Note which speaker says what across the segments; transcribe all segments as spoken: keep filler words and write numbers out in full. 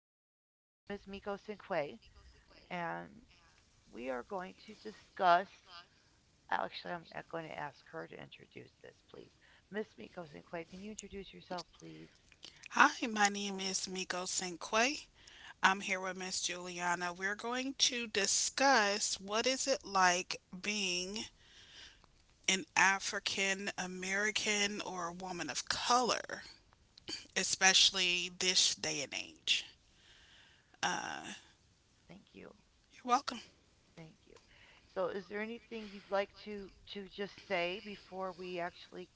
Speaker 1: with me miss Miko Cinque, and we are going to discuss. Actually, I'm going to ask her to introduce this, please. miss Miko Cinque, can you introduce yourself, please?
Speaker 2: Hi, my name is Miko Cinque. I'm here with Miss Juliana. We're going to discuss what is it like being an African American or a woman of color, especially this day and age. Uh,
Speaker 1: Thank you.
Speaker 2: you're welcome.
Speaker 1: Thank you. So, is there anything you'd like to to just say before we actually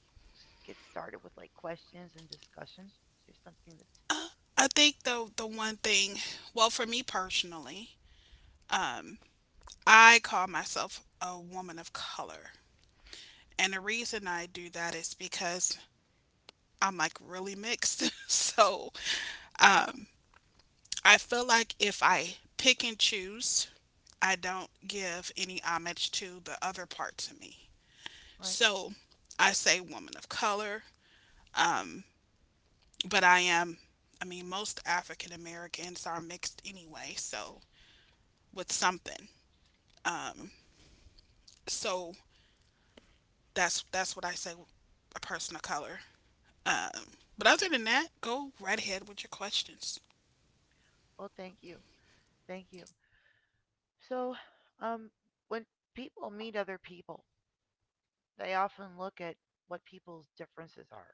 Speaker 1: get started with like questions and discussion? Is there something that's
Speaker 2: I think the the one thing, well, for me personally, um, I call myself a woman of color, and the reason I do that is because I'm like really mixed. So um, I feel like if I pick and choose, I don't give any homage to the other parts of me.
Speaker 1: right?
Speaker 2: So I say woman of color, um, but I am, I mean, most African Americans are mixed anyway, so with something.
Speaker 1: Oh,
Speaker 2: Um, so that's that's what I say, a person of color. Um, but other than that, go right ahead with your questions.
Speaker 1: well, thank you. Thank you. So, um, when people meet other people, they often look at what people's differences are,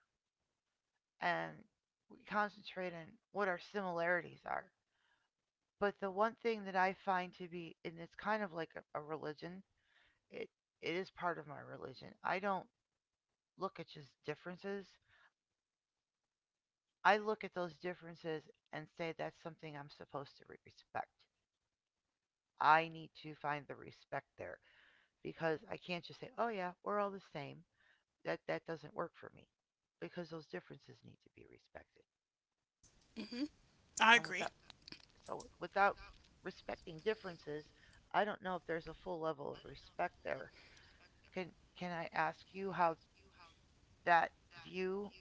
Speaker 1: and we concentrate on what our similarities are. But the one thing that I find to be, and it's kind of like a, a religion, it it is part of my religion. I don't look at just differences. I look at those differences and say that's something I'm supposed to respect. I need to find the respect there because I can't just say, "Oh yeah, we're all the same." that that doesn't work for me because those differences need to be respected.
Speaker 2: I
Speaker 1: And
Speaker 2: agree.
Speaker 1: without so without respecting differences, I don't know if there's a full level of respect there. Can can I ask you how that view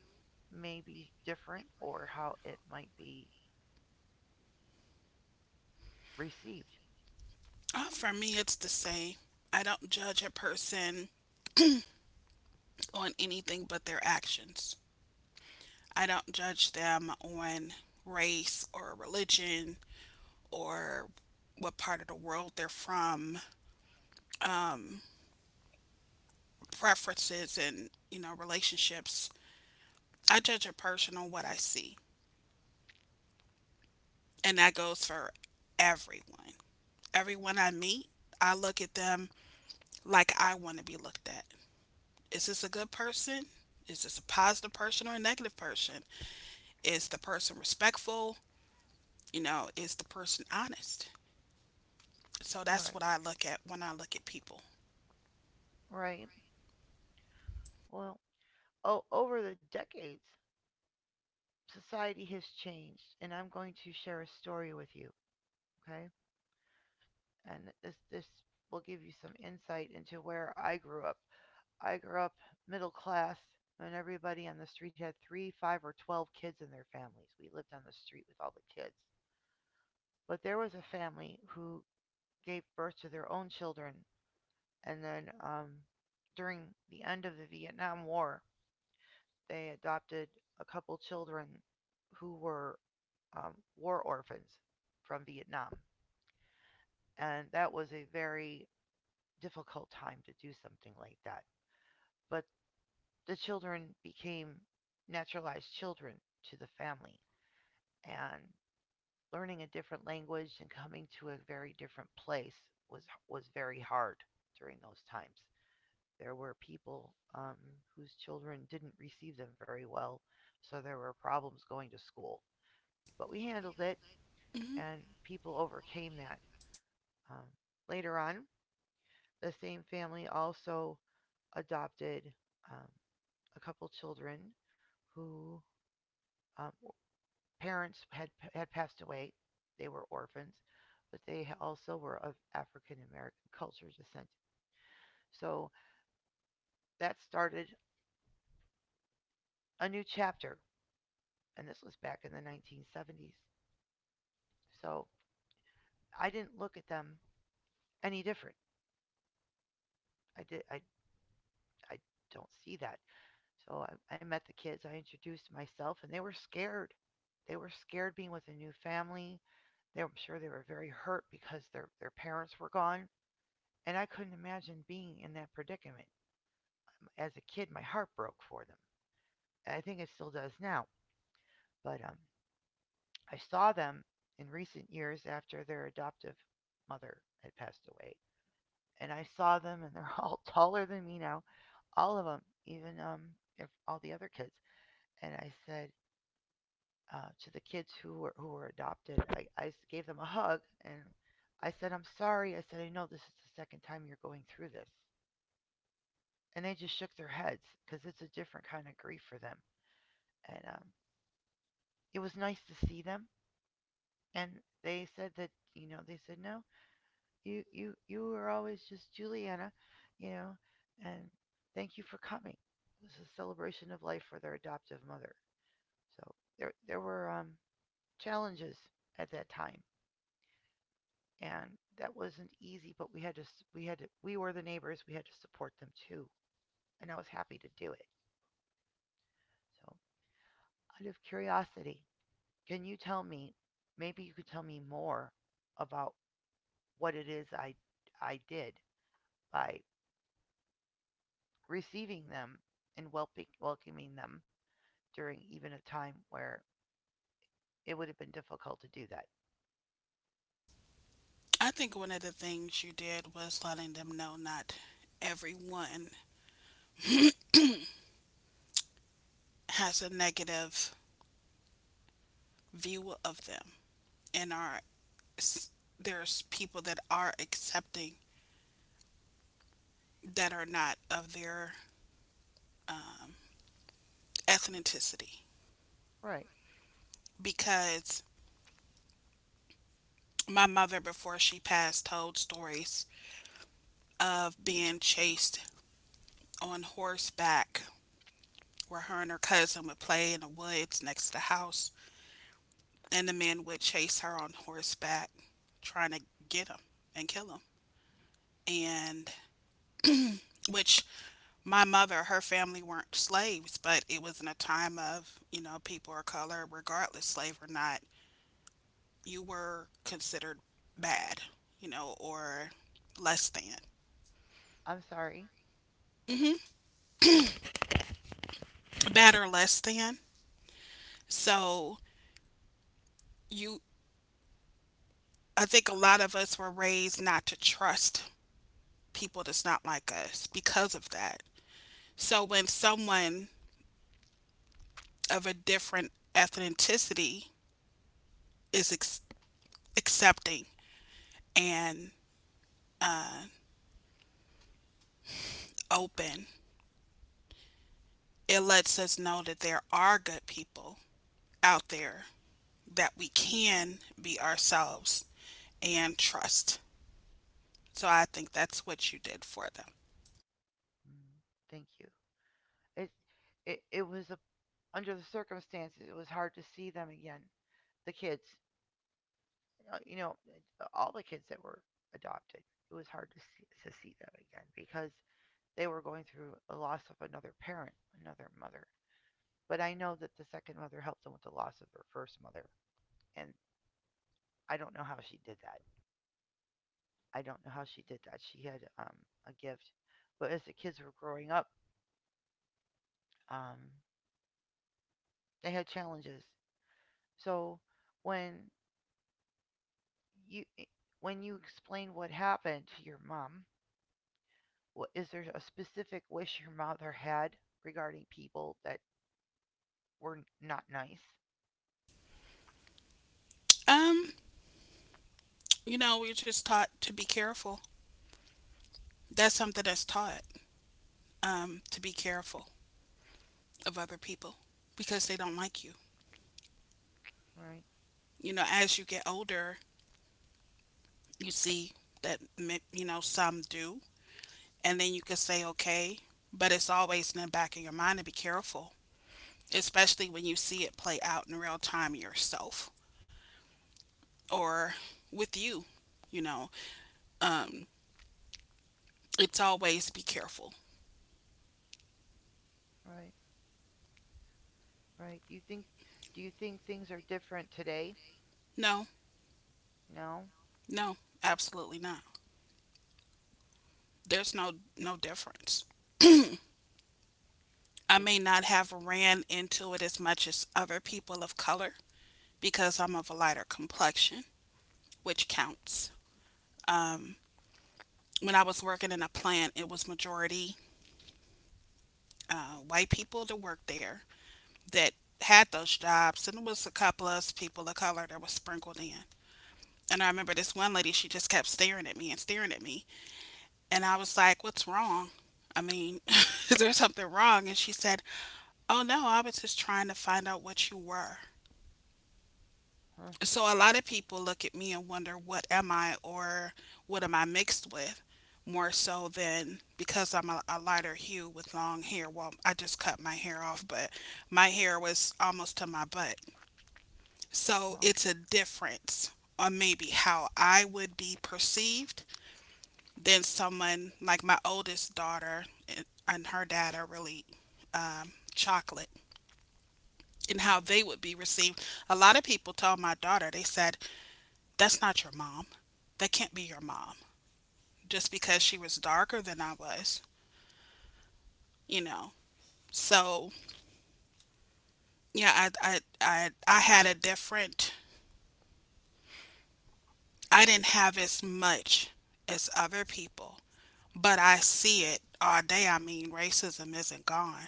Speaker 1: may be different or how it might be received?
Speaker 2: Uh, for me, it's the same. I don't judge a person on anything but their actions. I don't judge them on race or religion or what part of the world they're from, preferences and, you know, relationships. I judge a person on what I see. And that goes for everyone. Everyone I meet, I look at them like I want to be looked at. Is this a good person? Is this a positive person or a negative person? Is the person respectful? You know, is the person honest? So that's
Speaker 1: Right,
Speaker 2: what I look at when I look at people.
Speaker 1: right. Well, oh, over the decades, society has changed, and I'm going to share a story with you, okay? And this this will give you some insight into where I grew up I grew up middle class, and everybody on the street had three, five, or twelve kids in their families. We lived on the street with all the kids. But there was a family who gave birth to their own children, and then um, during the end of the Vietnam War, they adopted a couple children who were um, war orphans from Vietnam. And that was a very difficult time to do something like that. But the children became naturalized children to the family. And learning a different language and coming to a very different place was was very hard during those times. There were people um, whose children didn't receive them very well, so there were problems going to school. But we handled it,
Speaker 2: Hmm.
Speaker 1: and people overcame that. Um, Later on, the same family also adopted um, a couple children who um, parents had, had passed away. They were orphans, but they also were of African American culture descent. So that started a new chapter, and this was back in the nineteen seventies. So I didn't look at them any different. I did. I, I don't see that. So I, I met the kids. I introduced myself, and they were scared. They were scared being with a new family. They, I'm sure they were very hurt because their their parents were gone, and I couldn't imagine being in that predicament. As a kid, my heart broke for them. And I think it still does now. But um, I saw them in recent years after their adoptive mother had passed away. And I saw them, and they're all taller than me now, all of them, even um, if all the other kids. And I said uh, to the kids who were who were adopted, I I gave them a hug, and I said, "I'm sorry." I said, "I know this is the second time you're going through this," and they just shook their heads because it's a different kind of grief for them. And um, it was nice to see them and they said that, you know, they said, no, you you you were always just Juliana, you know, and thank you for coming. It was a celebration of life for their adoptive mother. So there there were um challenges at that time, and that wasn't easy, but we had to we had to, we were the neighbors, we had to support them too, and I was happy to do it. So, out of curiosity, can you tell me, maybe you could tell me more about what it is I I did by receiving them and welcoming them during even a time where it would have been difficult to do that.
Speaker 2: I think one of the things you did was letting them know not everyone has a negative view of them, and are s- there's people that are accepting that are not of their um, ethnicity.
Speaker 1: Right.
Speaker 2: Because my mother, before she passed, told stories of being chased on horseback, where her and her cousin would play in the woods next to the house, and the men would chase her on horseback, trying to get him and kill him. And which my mother, her family weren't slaves, but it was in a time of, you know, people of color, regardless, slave or not, you were considered bad, you know, or less than.
Speaker 1: I'm sorry.
Speaker 2: Bad or less than. So you, I think a lot of us were raised not to trust people that's not like us because of that. So when someone of a different ethnicity is ex- accepting and open. It lets us know that there are good people out there, that we can be ourselves and trust. So I think that's what you did for them.
Speaker 1: Mm, thank you. It it, it was a, under the circumstances it was hard to see them again. The kids, uh, you know, uh, all the kids that were adopted. It was hard to see, to see them again because they were going through a loss of another parent, another mother. But I know that the second mother helped them with the loss of their first mother, and I don't know how she did that. I don't know how she did that. She had um, a gift. But as the kids were growing up, um, they had challenges. So when you eh, when you explain what happened to your mom, what is there a specific wish your mother had regarding people that were not nice?
Speaker 2: Um, you know, we're just taught to be careful. That's something that's taught, um, to be careful of other people because they don't like you.
Speaker 1: Right,
Speaker 2: You know, as you get older, you see that you know some do, and then you can say okay. But it's always in the back of your mind to be careful, especially when you see it play out in real time yourself or with you. You know, um, it's always be careful.
Speaker 1: right, right. Do you think, do you think things are different today?
Speaker 2: No,
Speaker 1: No.
Speaker 2: no, absolutely not. There's no no difference. I
Speaker 1: Is
Speaker 2: may
Speaker 1: it?
Speaker 2: not have ran into it as much as other people of color because I'm of a lighter complexion, which counts. Um, when I was working in a plant, it was majority uh, white people to work there that had those jobs, and it was a couple of us people of color that was sprinkled in. And I remember this one lady, she just kept staring at me and staring at me. And I was like, "What's wrong? I mean, is there something wrong?" And she said, "Oh no, I was just trying to find out what you were."
Speaker 1: Huh?
Speaker 2: So a lot of people look at me and wonder, "What am I, or what am I mixed with?" More so than because I'm a, a lighter hue with long hair. Well, I just cut my hair off, but my hair was almost to my butt. So
Speaker 1: No.
Speaker 2: it's a difference on maybe how I would be perceived than someone like my oldest daughter and, and her dad are really, um, chocolate, and how they would be received. A lot of people told my daughter, they said, "That's not your mom. That can't be your mom," just
Speaker 1: Mm-hmm.
Speaker 2: because she was darker than I was, you know. So yeah, I, I, I, I had a different, I didn't have as much as other people, but I see it all day. I mean, racism isn't gone.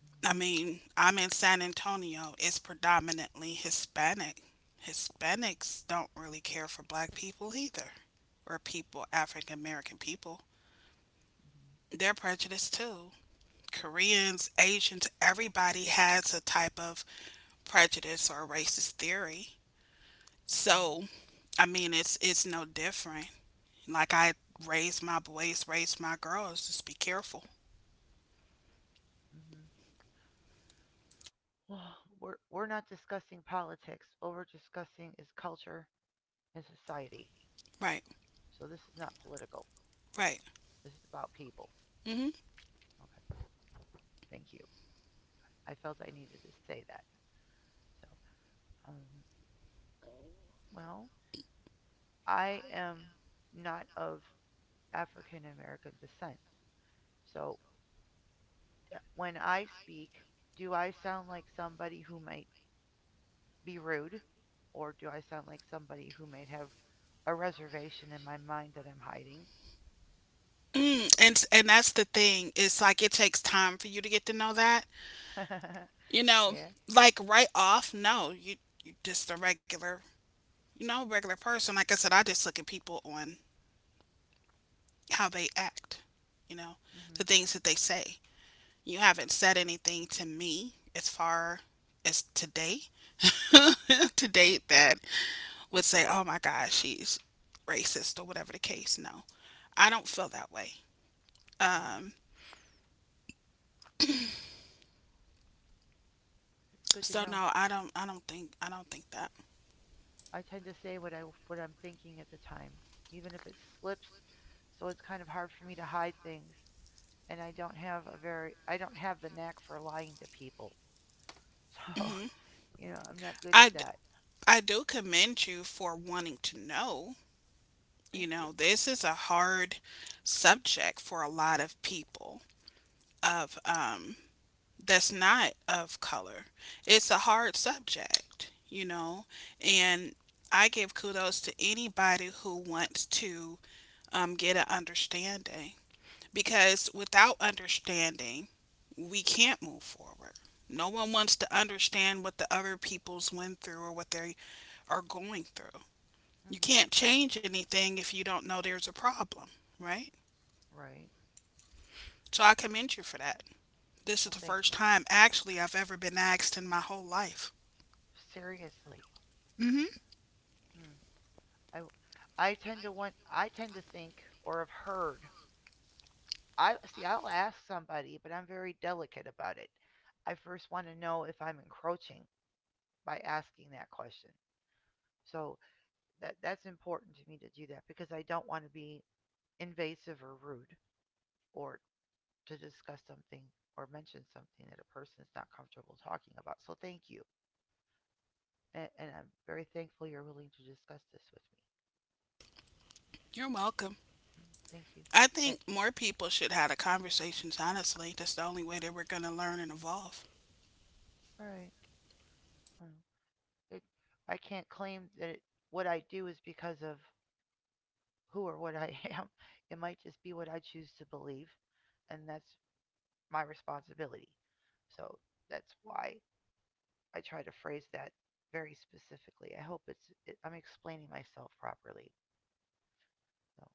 Speaker 1: Mm-hmm.
Speaker 2: I mean, I'm in San Antonio. It's predominantly Hispanic. Hispanics don't really care for black people either, or people, African American people.
Speaker 1: Mm-hmm.
Speaker 2: They're prejudiced too. Koreans, Asians, everybody has a type of prejudice or racist theory. So,
Speaker 1: Mm-hmm.
Speaker 2: I mean, it's it's no different. Like I raised my boys, raised my girls, just be careful.
Speaker 1: Mm-hmm. we're we're not discussing politics. All we're discussing is culture and society.
Speaker 2: Right,
Speaker 1: So this is not political.
Speaker 2: right.
Speaker 1: This is about people.
Speaker 2: Mhm.
Speaker 1: Okay, thank you. I felt I needed to say that. So, um, well, I am not of African American descent. So uh, when I speak, do I sound like somebody who might be rude, or do I sound like somebody who might have a reservation in my mind that I'm hiding?
Speaker 2: Mm, and and that's the thing. It's like it takes time for you to get to know that. You know,
Speaker 1: Yeah.
Speaker 2: like right off, no, you you just a regular, you know, regular person. Like I said, I just look at people on how they act. You know, the
Speaker 1: Mm-hmm.
Speaker 2: things that they say. You haven't said anything to me as far as today, to date, that would say, "Oh my gosh, she's racist," or whatever the case. No, I don't feel that way.
Speaker 1: Mm-hmm.
Speaker 2: Um,
Speaker 1: It's good to
Speaker 2: so
Speaker 1: know.
Speaker 2: no, I don't. I don't think. I don't think that.
Speaker 1: I tend to say what I what I'm thinking at the time, even if it slips. So it's kind of hard for me to hide things, and I don't have a very I don't have the knack for lying to people. So
Speaker 2: Hmm.
Speaker 1: you know I'm not good at
Speaker 2: I, d-
Speaker 1: that.
Speaker 2: I do commend you for wanting to know. You
Speaker 1: Thank you.
Speaker 2: know, this is a hard subject for a lot of people of um that's not of color. It's a hard subject, you know, and I give kudos to anybody who wants to, um, get an understanding, because without understanding, we can't move forward. No one wants to understand what the other people's went through or what their are going through. You
Speaker 1: Hmm.
Speaker 2: can't change anything if you don't know there's a problem, right?
Speaker 1: Right.
Speaker 2: So I commend you for that. This is
Speaker 1: Well,
Speaker 2: the
Speaker 1: thank
Speaker 2: first
Speaker 1: you.
Speaker 2: time, actually, I've ever been asked in my whole life.
Speaker 1: Seriously.
Speaker 2: Hmm.
Speaker 1: Hmm. I I tend to want I tend to think or have heard. I see. I'll ask somebody, but I'm very delicate about it. I first want to know if I'm encroaching by asking that question. So that that's important to me to do that because I don't want to be invasive or rude or to discuss something or mention something that a person is not comfortable talking about. So thank you. And, and I'm very thankful you're willing to discuss this with me.
Speaker 2: You're welcome.
Speaker 1: Mm, thank you.
Speaker 2: I
Speaker 1: And,
Speaker 2: think more people should have the conversations, honestly. That's the only way that we're going to learn and evolve.
Speaker 1: all right. Well, It, I can't claim that it, what I do is because of who or what I am. It might just be what I choose to believe, and that's my responsibility. So that's why I try to phrase that very specifically. I hope it's it, I'm explaining myself properly. So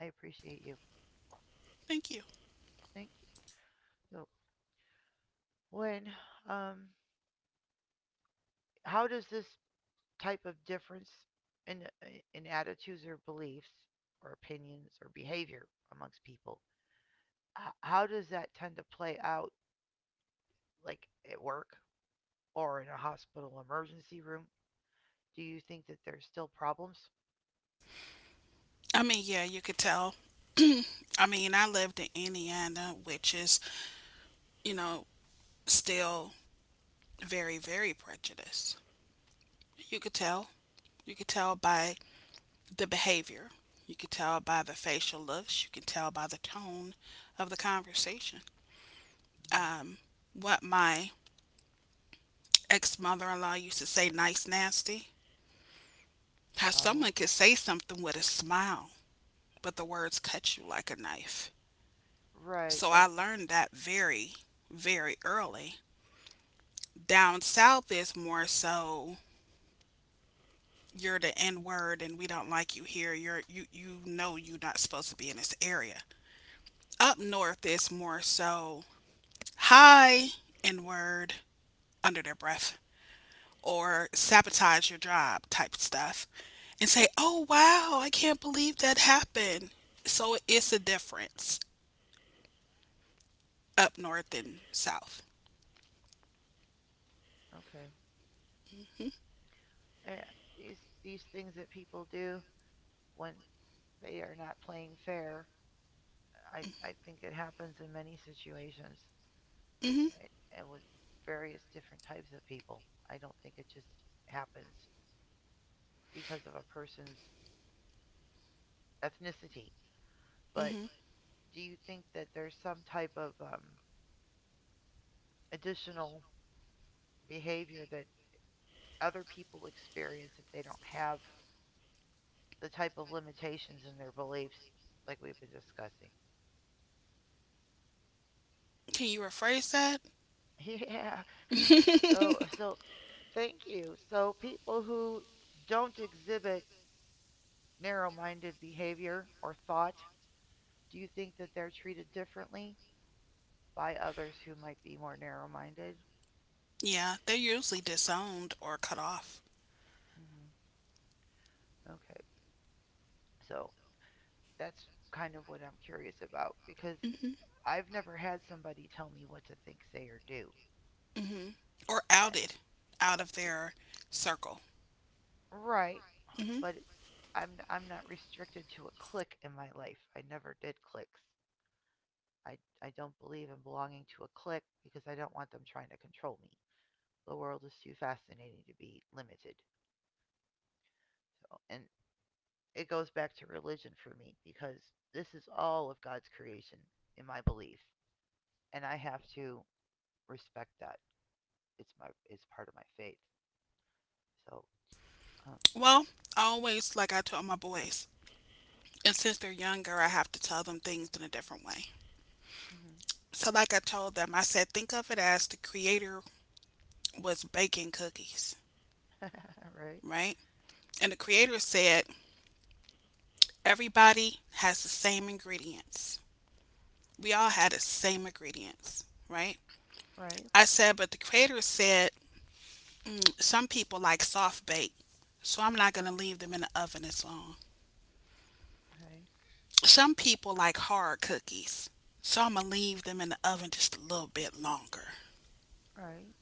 Speaker 1: I appreciate you.
Speaker 2: Thank you.
Speaker 1: Thank you. So when um, how does this type of difference in eh, in attitudes or beliefs or opinions or behavior amongst people, h- how does that tend to play out, like at work or in a hospital emergency room? Do you think that there's still problems?
Speaker 2: I mean, yeah, you could tell. I mean, I lived in Indiana, which is, you know, still very, very prejudiced. You could tell. You could tell by the behavior. You can tell by the facial looks. You can tell by the tone of the conversation.
Speaker 1: Mm,
Speaker 2: Um, what my ex mother in law used to say, nice, nasty. How
Speaker 1: oh,
Speaker 2: someone could say something with a smile, but the words cut you like a knife.
Speaker 1: right.
Speaker 2: So I
Speaker 1: That's
Speaker 2: learned that very, very early. Down south is more so, "You're the N word, and we don't like you here. You're you you know you're not supposed to be in this area." Up north is more so, "Hi," n word under their breath, or sabotage your job type stuff and say, "Oh wow, I can't believe that happened." So it's a difference up north and south.
Speaker 1: okay.
Speaker 2: Hmm.
Speaker 1: uh, these these things that people do when they are not playing fair. I I think it happens in many situations,
Speaker 2: Hmm.
Speaker 1: eh, and with various different types of people. I don't think it just happens because of a person's ethnicity. But do you think that there's some type of um, additional behavior that other people experience if they don't have the type of limitations in their beliefs like we've been discussing?
Speaker 2: Can you rephrase that?
Speaker 1: Yeah. So so thank you. So people who don't exhibit narrow-minded behavior or thought, do you think that they're treated differently by others who might be more narrow-minded?
Speaker 2: Yeah, they're usually disowned or cut off.
Speaker 1: Hmm. Okay. So that's kind of what I'm curious about because
Speaker 2: Hmm.
Speaker 1: I've never had somebody tell me what to think, say, or do.
Speaker 2: Hmm. Or
Speaker 1: Uh,
Speaker 2: outed out of
Speaker 1: i-
Speaker 2: their circle.
Speaker 1: Right,
Speaker 2: Hmm.
Speaker 1: but I'm I'm not restricted to a clique in my life. I never did cliques. I, I don't believe in belonging to a clique because I don't want them trying to control me. The world is too fascinating to be limited. So, and it goes back to religion for me because this is all of God's creation in my belief, and I have to respect that. It's my it's part of my faith. So, um,
Speaker 2: Well, I always, like I told my boys. And since they're younger, I have to tell them things in a different way.
Speaker 1: mm-hmm.
Speaker 2: So, like I told them, I said, think of it as the creator was baking cookies,
Speaker 1: Right,
Speaker 2: right? And the creator said, everybody has the same ingredients. We all had the same ingredients, right?
Speaker 1: right,
Speaker 2: I said, but the creator said, some people like soft bake, so I'm not going to leave them in the oven as long.
Speaker 1: okay,
Speaker 2: Some people like hard cookies, so I'm going to leave them in the oven just a little bit longer,
Speaker 1: right,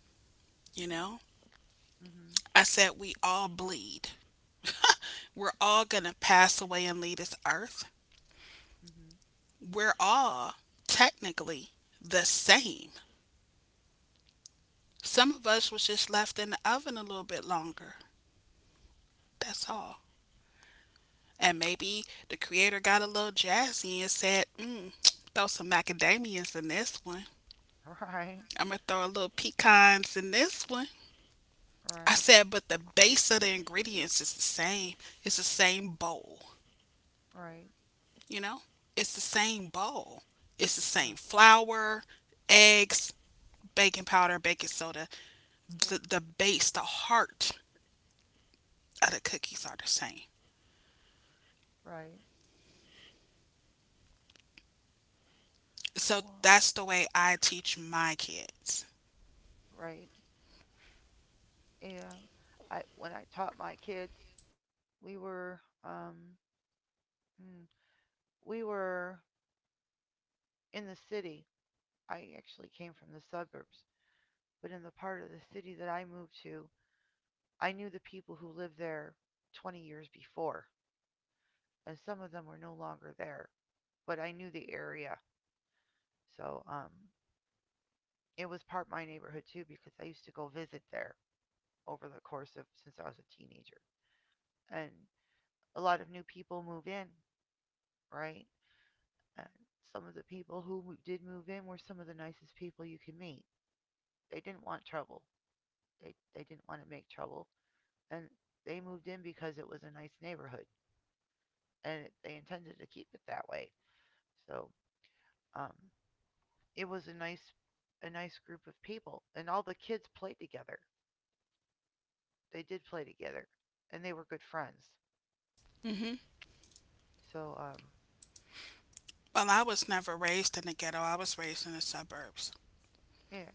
Speaker 2: you know?
Speaker 1: mm-hmm,
Speaker 2: I said, we all bleed. We're all going to pass away and leave this earth.
Speaker 1: mm-hmm,
Speaker 2: We're all technically the same. Some of us was just left in the oven a little bit longer. That's all. And maybe the creator got a little jazzy and said, mm, throw some macadamias in this one.
Speaker 1: right,
Speaker 2: I'm going to throw a little pecans in this one. I
Speaker 1: right,
Speaker 2: said, but the base of the ingredients is the same. It's the same bowl,
Speaker 1: right,
Speaker 2: you know? It's the same bowl. It's the
Speaker 1: uh,
Speaker 2: same flour, eggs, baking powder, baking soda, the, the base, the heart of the cookies are the same.
Speaker 1: right,
Speaker 2: So
Speaker 1: wow,
Speaker 2: that's the way I teach my kids.
Speaker 1: right, yeah. I when I taught my kids, we were um mm, we were in the city. I actually came from the suburbs, but in the part of the city that I moved to, I knew the people who lived there twenty years before, and some of them were no longer there, but I knew the area. So, um it was part of my neighborhood too because I used to go visit there over the course of since I was a teenager. And a lot of new people move in, right? Uh, some of the people who did move in were some of the nicest people you can meet. They didn't want trouble. They they didn't want to make trouble, and they moved in because it was a nice neighborhood, and it, they intended to keep it that way. So um, it was a nice a nice group of people, and all the kids played together. They did play together, and they were good friends.
Speaker 2: Hmm.
Speaker 1: So um,
Speaker 2: Well, I was never raised in the ghetto. I was raised in the suburbs.
Speaker 1: yeah.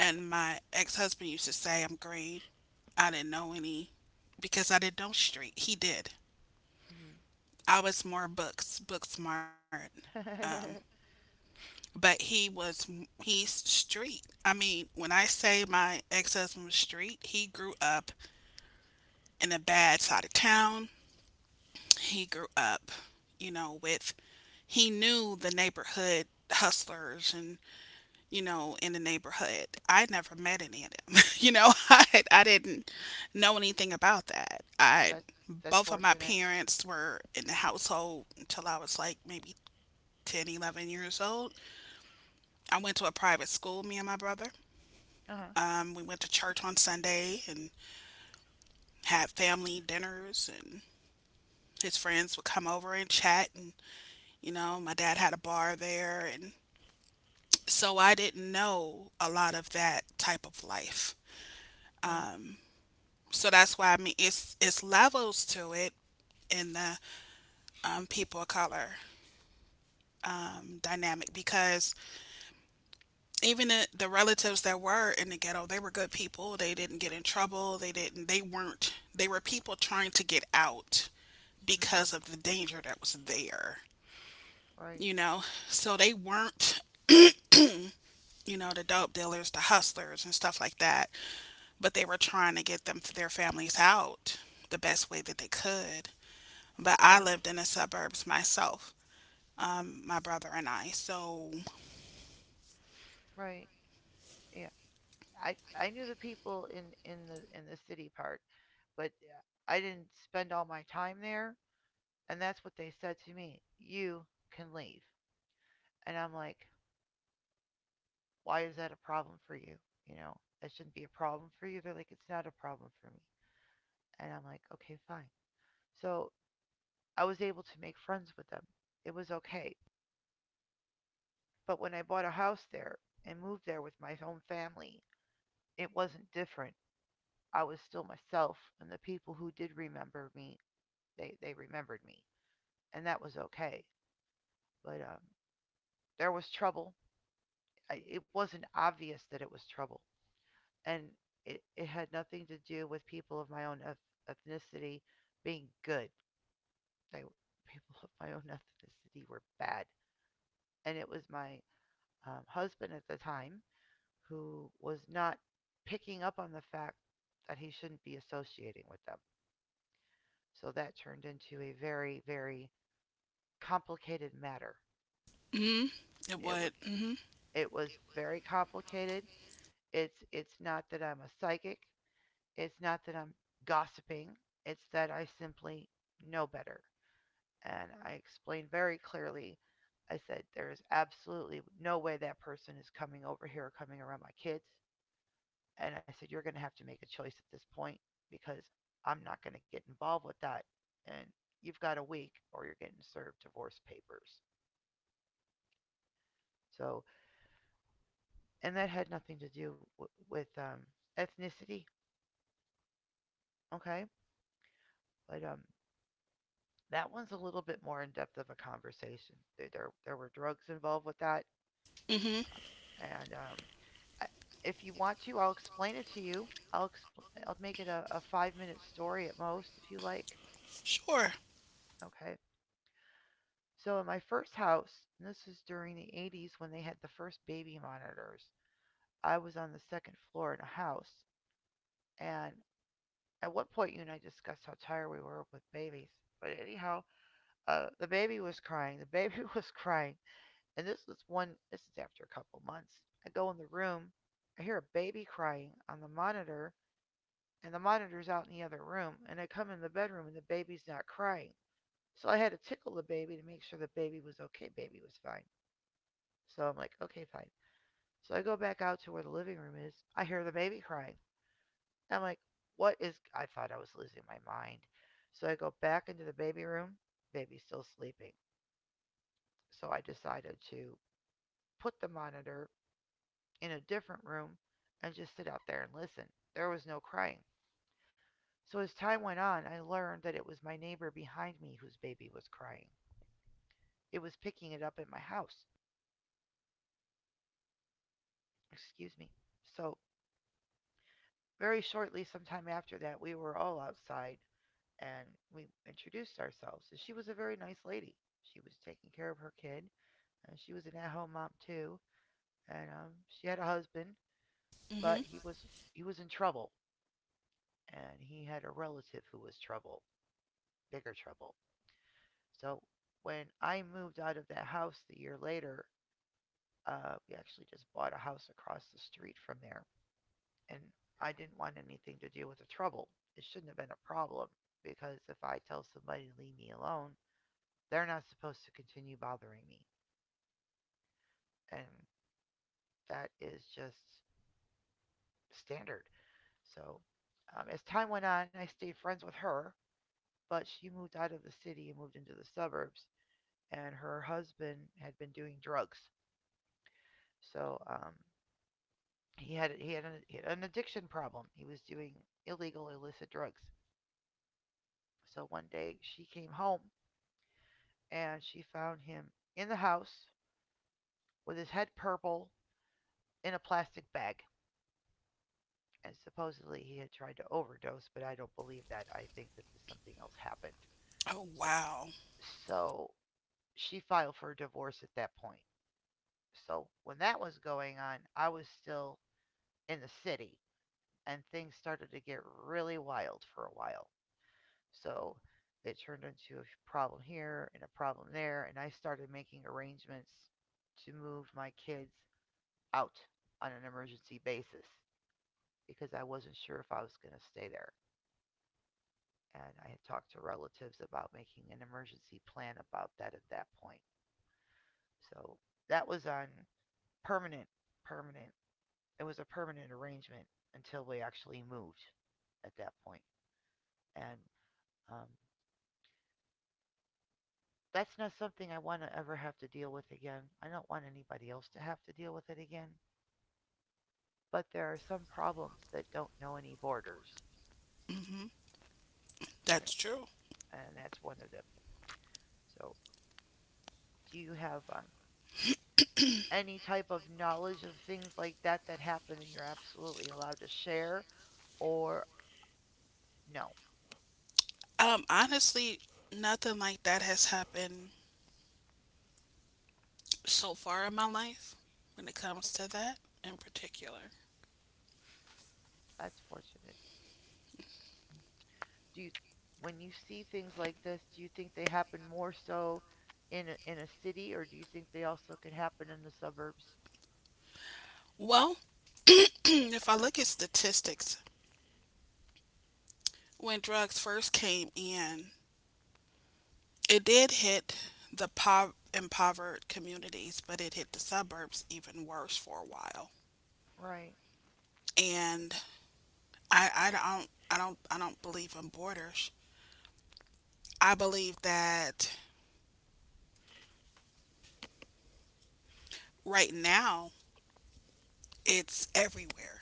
Speaker 2: And my ex husband used to say I'm green. I didn't know any because I didn't know street. He did. I was more books, book smart. Um,
Speaker 1: Hmm.
Speaker 2: but he was, he's street. I mean, when I say my ex husband was street, he grew up in a bad side of town. He grew up, you know, with he knew the neighborhood hustlers and you know in the neighborhood I never met any of them you know I, I didn't know anything about that. I
Speaker 1: that's that's
Speaker 2: Both of my
Speaker 1: fortunate.
Speaker 2: parents were in the household until I was like maybe ten, eleven years old. I went to a private school, me and my brother.
Speaker 1: Uh huh.
Speaker 2: Um, we went to church on Sunday and had family dinners, and his friends would come over and chat. And you know, my dad had a bar there, and so I didn't know a lot of that type of life.
Speaker 1: Right.
Speaker 2: So that's why, I mean, it's it's levels to it in the um, people of color um, dynamic, because even the, the relatives that were in the ghetto, they were good people. They didn't get in trouble. They didn't they weren't They were people trying to get out
Speaker 1: Hmm.
Speaker 2: because of the danger that was there,
Speaker 1: Right.
Speaker 2: you know. So they weren't, you know, the dope dealers, the hustlers, and stuff like that. But they were trying to get them their families out the best way that they could. But I
Speaker 1: Right.
Speaker 2: lived in the suburbs myself, um, my brother and I. So
Speaker 1: Right. Yeah. I I knew the people in in the in the city part, but uh, I didn't spend all my time there, and that's what they said to me. You can leave, and I'm like, why is that a problem for you? You know, that shouldn't be a problem for you. They're like, it's not a problem for me, and I'm like, okay, fine. So I was able to make friends with them. It was okay. But when I bought a house there and moved there with my own family, it wasn't different. I was still myself, and the people who did remember me they they remembered me, and that was okay. But um, There was trouble. I, it wasn't obvious that it was trouble, and it it had nothing to do with people of my own ethnicity being good. They people of my own ethnicity were bad, and it was my um, husband at the time who was not picking up on the fact that he shouldn't be associating with them. So that turned into a very very complicated matter.
Speaker 2: mm, it
Speaker 1: It was
Speaker 2: would, mm-hmm.
Speaker 1: it was very complicated. It's it's not that I'm a psychic. It's not that I'm gossiping. It's that I simply know better. And I explained very clearly. I said there is absolutely no way that person is coming over here or coming around my kids. And I said you're going to have to make a choice at this point because I'm not going to get involved with that. And you've got a week or you're getting served divorce papers. So, and that had nothing to do w- with um, ethnicity, okay? But um, That one's a little bit more in depth of a conversation. There there, there were drugs involved with that,
Speaker 2: Mm-hmm.
Speaker 1: and um, I, if you want to, I'll explain it to you. I'll expl- I'll make it a, a five minute story at most if you like.
Speaker 2: Sure.
Speaker 1: Okay. So in my first house, and this is during the eighties when they had the first baby monitors. I was on the second floor in a house, and at one point you and I discussed how tired we were with babies. But anyhow, uh, the baby was crying. The baby was crying. And this is one, this is after a couple months. I go in the room, I hear a baby crying on the monitor, and the monitor's out in the other room. And I come in the bedroom, and the baby's not crying. So I had to tickle the baby to make sure the baby was okay. Baby was fine. So I'm like, okay, fine. So I go back out to where the living room is. I hear the baby crying. I'm like, what is. I thought I was losing my mind. So I go back into the baby room. Baby's still sleeping. So I decided to put the monitor in a different room and just sit out there and listen. There was no crying. So as time went on, I learned that it was my neighbor behind me whose baby was crying. It was picking it up at my house. Excuse me. So very shortly, sometime after that, we were all outside and we introduced ourselves. And she was a very nice lady. She was taking care of her kid. And she was an at-home mom too. And um, she had a husband, but
Speaker 2: Mm-hmm.
Speaker 1: he was he was in trouble, and he had a relative who was trouble, bigger trouble. So when I moved out of that house the year later, uh, we actually just bought a house across the street from there. And I didn't want anything to do with the trouble. It shouldn't have been a problem because if I tell somebody to leave me alone, they're not supposed to continue bothering me. And that is just standard. So um, as time went on, I stayed friends with her, but she moved out of the city and moved into the suburbs. And her husband had been doing drugs. So um, he had he had an, he had an addiction problem. He was doing illegal illicit drugs. So one day she came home and she found him in the house with his head purple in a plastic bag. And supposedly he had tried to overdose, but I don't believe that. I think that this, something else happened.
Speaker 2: Oh wow.
Speaker 1: So she filed for a divorce at that point. So when that was going on, I was still in the city and things started to get really wild for a while. So it turned into a problem here and a problem there, and I started making arrangements to move my kids out on an emergency basis because I wasn't sure if I was going to stay there. And I had talked to relatives about making an emergency plan about that at that point. So that was on permanent, permanent. It was a permanent arrangement until we actually moved at that point. And um, that's not something I want to ever have to deal with again. I don't want anybody else to have to deal with it again. But there are some problems that don't know any borders,
Speaker 2: Mm-hmm.
Speaker 1: and
Speaker 2: That's true.
Speaker 1: and that's one of them. So, do you have um, any type of knowledge of things like that that happen and you're absolutely allowed to share, or no?
Speaker 2: Um, honestly, nothing like that has happened so far in my life when it comes to that in particular.
Speaker 1: That's fortunate. Do you, when you see things like this, do you think they happen more so in a, in a city, or do you think they also could happen in the suburbs?
Speaker 2: Well, if I look at statistics, when drugs first came in, it did hit the po- impoverished communities, but it hit the suburbs even worse for a while.
Speaker 1: Right.
Speaker 2: And I, I don't I don't I don't believe in borders. I believe that right now it's everywhere.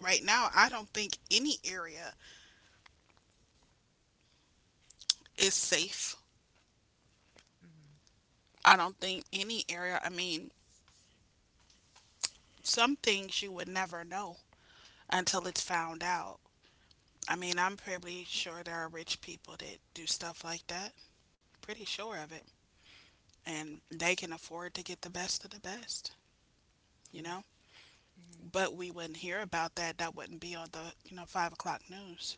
Speaker 2: Right now I don't think any area is safe.
Speaker 1: Mm-hmm.
Speaker 2: I don't think any area I mean, some things you would never know until it's found out. I mean, I'm pretty sure there are rich people that do stuff like that. Pretty sure of it. And they can afford to get the best of the best, you know?
Speaker 1: Hmm.
Speaker 2: But we wouldn't hear about that. That wouldn't be on the, you know, five o'clock news,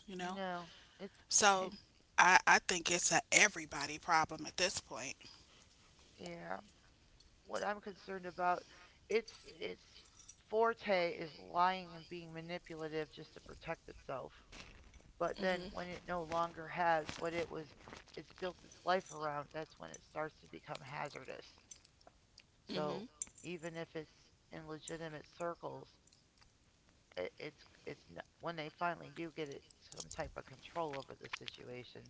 Speaker 2: you know?
Speaker 1: No, it's
Speaker 2: So
Speaker 1: it's
Speaker 2: I, I think it's a everybody problem at this point.
Speaker 1: yeah. What I'm concerned about, its its forte is lying and being manipulative just to protect itself. But then
Speaker 2: Mm-hmm.
Speaker 1: when it no longer has what it was, it's built its life around. That's when it starts to become hazardous.
Speaker 2: Mm-hmm.
Speaker 1: So even if it's in legitimate circles, it, it's it's not, when they finally do get it some type of control over the situation,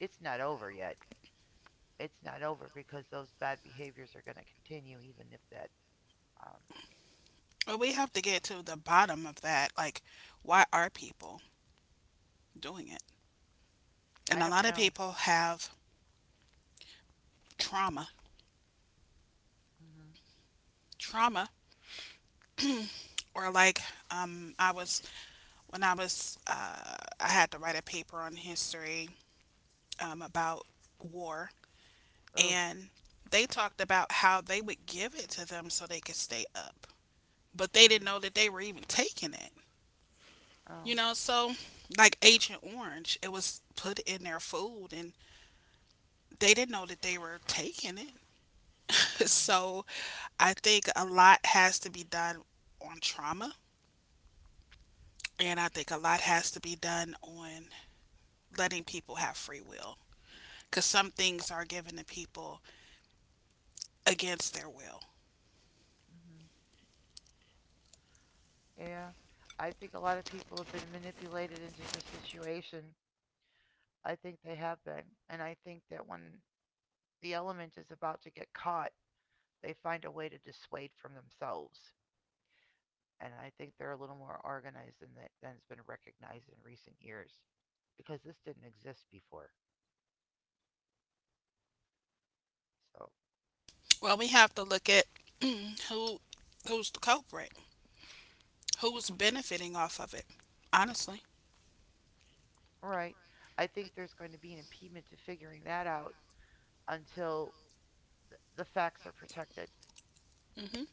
Speaker 1: it's not over yet. It's not over because those bad behaviors are going to continue, even if that. Um,
Speaker 2: But we have to
Speaker 1: s-
Speaker 2: get to the bottom of that. Like, why are people doing it?
Speaker 1: I
Speaker 2: And a
Speaker 1: don't
Speaker 2: lot of
Speaker 1: know.
Speaker 2: people have trauma.
Speaker 1: Mm-hmm.
Speaker 2: Trauma, or like, um, I was, when I was, uh, I had to write a paper on history, um, about war.
Speaker 1: Oh.
Speaker 2: And they talked about how they would give it to them so they could stay up, but they didn't
Speaker 1: Mm-hmm.
Speaker 2: know that they were even taking it.
Speaker 1: Oh.
Speaker 2: You know, so like Agent Orange, it was put in their food and they didn't know that they were taking it.
Speaker 1: Mm-hmm.
Speaker 2: So I think a lot has to be done on trauma, and I think a lot has to be done on letting people have free will, because some things are given to people against their will.
Speaker 1: Mm-hmm. Yeah. I think a lot of people have been manipulated into the situation. I think they have been, and I think that when the element is about to get caught, they find a way to dissuade from themselves. And I think they're a little more organized than that than has been recognized in recent years, because this didn't exist before. So
Speaker 2: Well, we have to look at who who's the culprit, who's benefiting off of it, honestly.
Speaker 1: all right. I think there's going to be an impediment to figuring that out until th- the facts are protected,
Speaker 2: Hmm.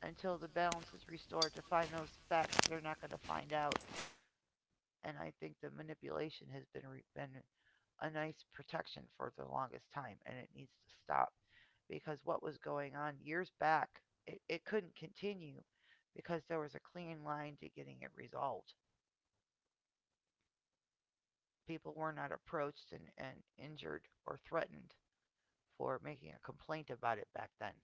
Speaker 1: until the balance is restored to find those facts they're not going to find out. And I think the manipulation has been re- been a nice protection for the longest time, and it needs to stop because what was going on years back, it, it couldn't continue because there was a clean line to getting it resolved. People were not approached and, and injured or threatened for making a complaint about it back then.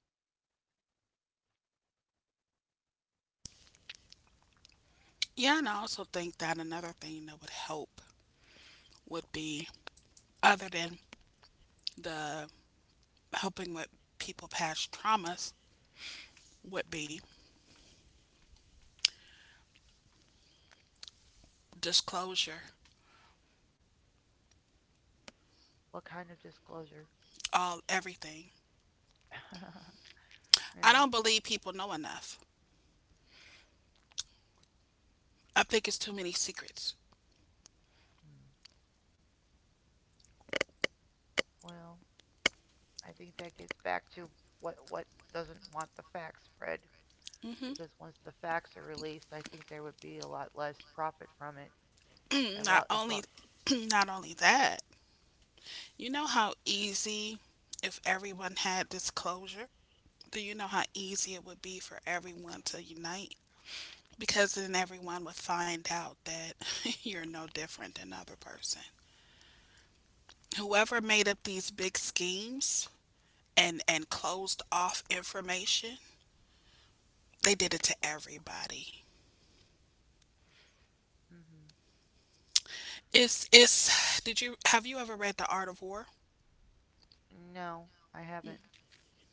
Speaker 2: Yeah, and I also think that another thing that would help would be, other than the helping with people past traumas, would
Speaker 1: Mm.
Speaker 2: be disclosure,
Speaker 1: What kind of disclosure?
Speaker 2: all everything. I
Speaker 1: Yeah.
Speaker 2: don't believe people know enough. I think it's too many secrets.
Speaker 1: Mm. Well, I think that gets back to what what doesn't want the facts spread
Speaker 2: Hmm.
Speaker 1: because once the facts are released, I think there would be a lot less profit from it. And while
Speaker 2: not
Speaker 1: as long,
Speaker 2: only, Not only that, you know how easy if everyone had disclosure. Do you know how easy it would be for everyone to unite? Because then everyone would find out that you're no different than other person. Whoever made up these big schemes and and closed off information, they did it to everybody.
Speaker 1: hmm
Speaker 2: It's it's did you Have you ever read The Art of War?
Speaker 1: no, I haven't.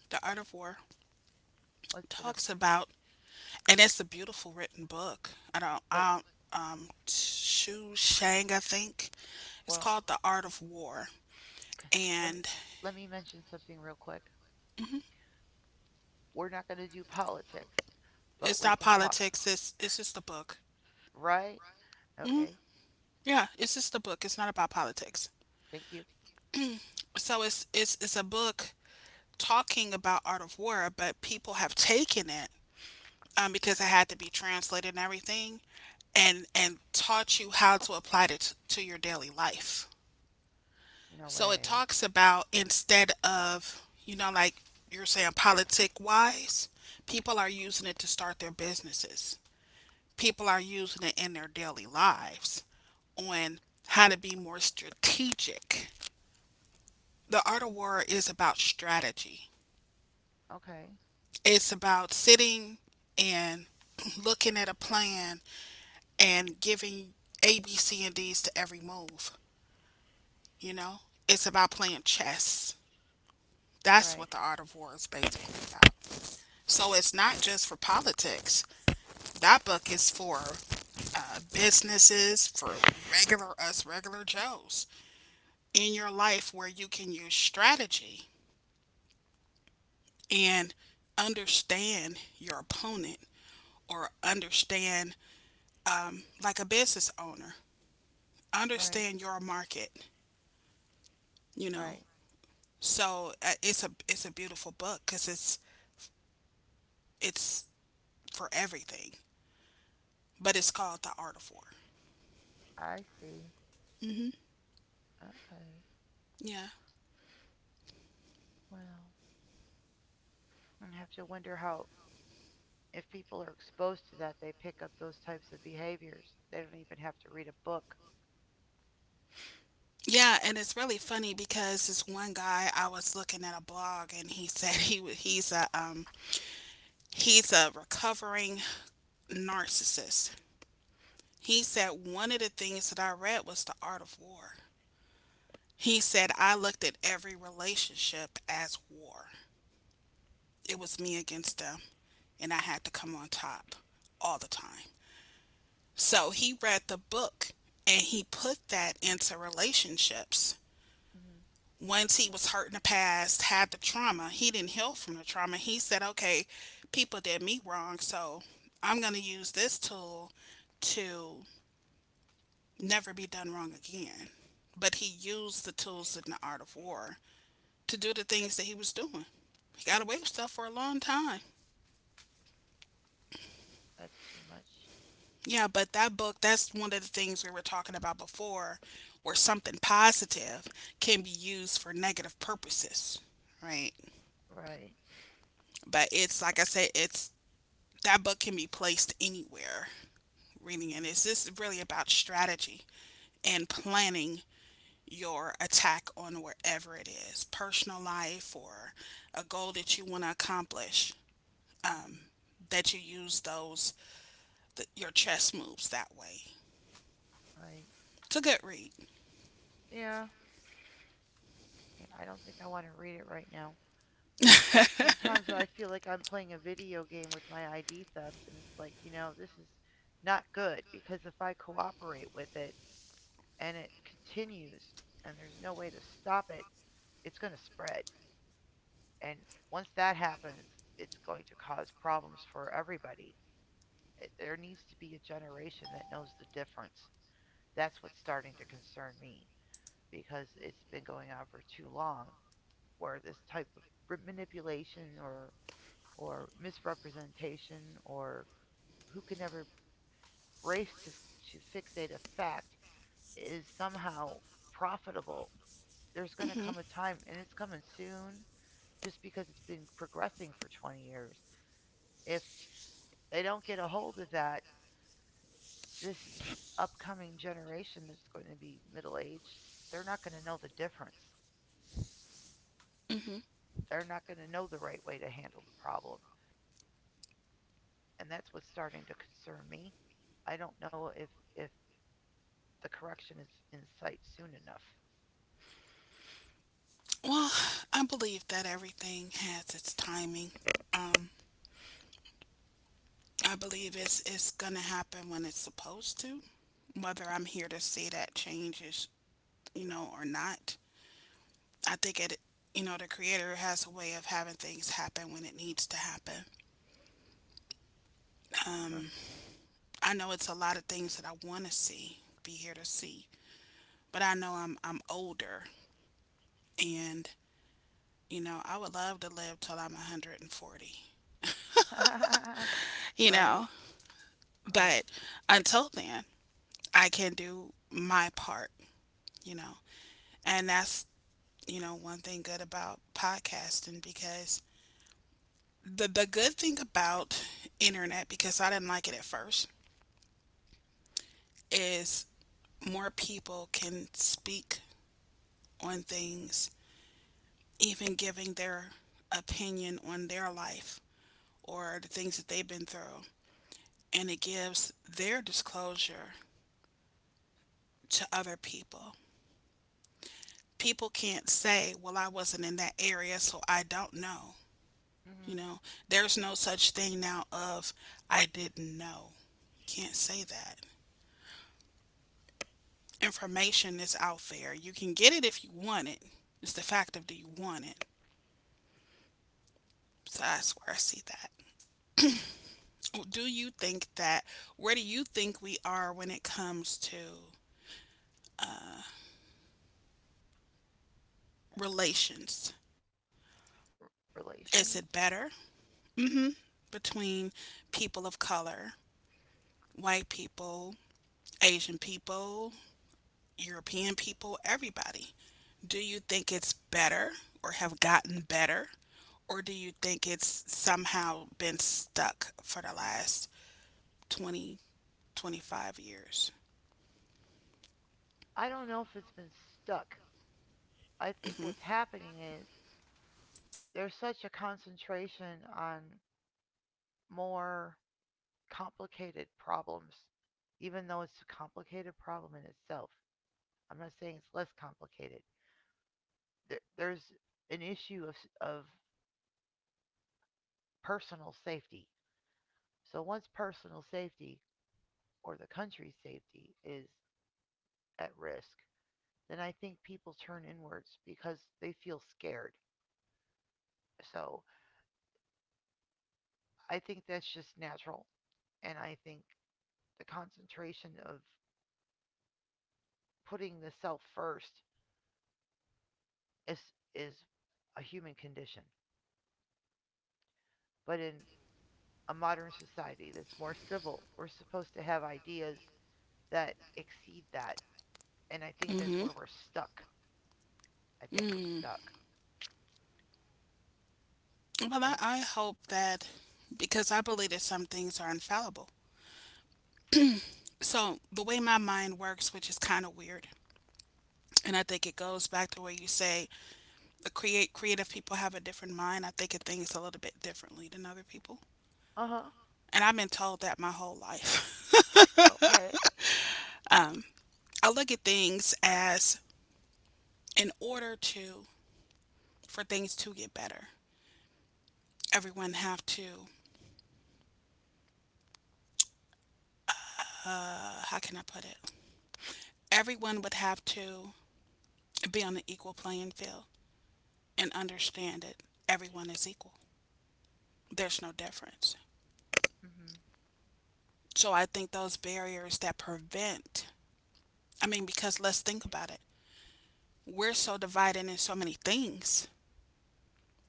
Speaker 2: The Art of War
Speaker 1: What's it? A,
Speaker 2: talks about, and it's a beautiful written book. I don't
Speaker 1: but
Speaker 2: I don't, Um, Shu Shang, I think. It's
Speaker 1: well,
Speaker 2: called The Art of War,
Speaker 1: let me
Speaker 2: and
Speaker 1: let me mention something real quick. We're not going to do politics, but
Speaker 2: it's
Speaker 1: we
Speaker 2: not
Speaker 1: can talk.
Speaker 2: politics, it's it's just a book.
Speaker 1: Right?
Speaker 2: Hmm.
Speaker 1: Okay.
Speaker 2: Yeah, it's just a book. It's not about politics.
Speaker 1: Thank you.
Speaker 2: So it's it's it's a book talking about art of war, but people have taken it, um, because it had to be translated and everything, and and taught you how to apply it t- to your daily life.
Speaker 1: No
Speaker 2: So it
Speaker 1: way.
Speaker 2: talks about, instead of, you know, like you're saying, politic wise, people are using it to start their businesses. People are using it in their daily lives on how to be more strategic. The art of war is about strategy.
Speaker 1: Okay.
Speaker 2: It's about sitting and looking at a plan and giving A, B, C, and D's to every move. You know, it's about playing chess. That's
Speaker 1: Right.
Speaker 2: what the art of war is basically about. So it's not just for politics. That book is for uh, businesses, for regular us, regular Joes in your life, where you can use strategy and understand your opponent, or understand, like a business owner,
Speaker 1: Right.
Speaker 2: understand your market, you know.
Speaker 1: Right.
Speaker 2: So uh, it's a it's a beautiful book because it's it's for everything, but it's called The Art of War.
Speaker 1: I see. Okay.
Speaker 2: Yeah.
Speaker 1: Well, I have to wonder how if people are exposed to that, they pick up those types of behaviors. They don't even have to read a book.
Speaker 2: Yeah, and it's really funny because this one guy, I was looking at a blog, and he said he wa- he's a um he's a recovering narcissist. He said one of the things that I read was The Art of War. He said, I looked at every relationship as war. It was me against them, and I had to come on top all the time. So he read the book and he put that into relationships.
Speaker 1: Hmm.
Speaker 2: Once he was hurt in the past, had the trauma, he didn't heal from the trauma. He said, okay, people did me wrong, so I'm going to use this tool to never be done wrong again. But he used the tools in The Art of War to do the things that he was doing. He got away with stuff for a long time.
Speaker 1: That's too much.
Speaker 2: Yeah, but that book, that's one of the things we were talking about before, where something positive can be used for negative purposes, right?
Speaker 1: Right.
Speaker 2: But it's like I said, it's that book can be placed anywhere reading it.
Speaker 1: Hmm.
Speaker 2: It's just really about strategy and planning your attack on wherever it is, personal life or a goal that you want to accomplish,
Speaker 1: Hmm.
Speaker 2: that you use those th- your chess moves that way.
Speaker 1: Right.
Speaker 2: It's a good read.
Speaker 1: Yeah. Yeah. I don't think I want to read it right now. I sometimes I feel like I'm playing a video game with my I D theft, and it's like you know this is not good because if I cooperate with it and it continues and there's no way to stop it, it's going to spread. And once that happens, it's going to cause problems for everybody. It, there needs to be a generation that knows the difference. That's what's starting to concern me because it's been going on for too long where this type of manipulation or or misrepresentation or who can never race to, to fixate a fact is somehow profitable. There's going to come a time, and it's coming soon just because it's been progressing for twenty years. If they don't get a hold of that, this upcoming generation that's going to be middle aged, they're not going to know the difference. They're not going to know the right way to handle the problem. And that's what's starting to concern me. I don't know if, if the correction is in sight soon enough.
Speaker 2: Well, I believe that everything has its timing. Um, I believe it's it's gonna happen when it's supposed to, whether I'm here to see that change is, you know, or not. I think it, you know, the creator has a way of having things happen when it needs to happen. I know it's a lot of things that I want to see, be here to see, but I know I'm I'm older. And you know, I would love to live till I'm one hundred forty.
Speaker 1: Mm-hmm.
Speaker 2: You
Speaker 1: Right?
Speaker 2: know,
Speaker 1: Right.
Speaker 2: but until then, I can do my part, you know. And that's, you know, one thing good about podcasting, because the the good thing about internet, because I didn't like it at first, is more people can speak on things, even giving their opinion on their life or the things that they've been through, and it gives their disclosure to other people. People can't say, "Well, I wasn't in that area, so I don't know." You
Speaker 1: Mm-hmm.
Speaker 2: know, there's no such thing now of I didn't know. Can't say that. Information is out there. You can get it if you want it. It's the fact of, do you want it? So that's where I see that.
Speaker 1: Mm.
Speaker 2: Well, do you think that, where do you think we are when it comes to relations? Is it better
Speaker 1: Relations?
Speaker 2: between people of color, white people, Asian people, European people, everybody. Do you think it's better or have gotten better? Or do you think it's somehow been stuck for the last twenty, twenty-five years?
Speaker 1: I don't know if it's been stuck. I think
Speaker 2: Hmm.
Speaker 1: what's happening is there's such a concentration on more complicated problems, even though it's a complicated problem in itself. I'm not saying it's less complicated. There, there's an issue of, of personal safety. So once personal safety or the country's safety is at risk, then I think people turn inwards because they feel scared. So I think that's just natural. And I think the concentration of putting the self first is, is a human condition. But in a modern society that's more civil, we're supposed to have ideas that exceed that. And I think that's where we're stuck. I think we're
Speaker 2: Mm.
Speaker 1: stuck.
Speaker 2: Well, I,
Speaker 1: And
Speaker 2: I hope that, because I believe that some things are infallible. So, the way my mind works, which is kind of weird, and I think it goes back to where you say the create creative people have a different mind. I think it thinks a little bit differently than other people.
Speaker 1: uh huh.
Speaker 2: And I've been told that my whole life.
Speaker 1: Okay.
Speaker 2: I look at things as, in order to for things to get better, everyone have to, uh, how can I put it? Everyone would have to be on an equal playing field and understand it. Everyone is equal. There's no difference.
Speaker 1: Mhm.
Speaker 2: So I think those barriers that prevent, I mean, because let's think about it. We're so divided in so many things.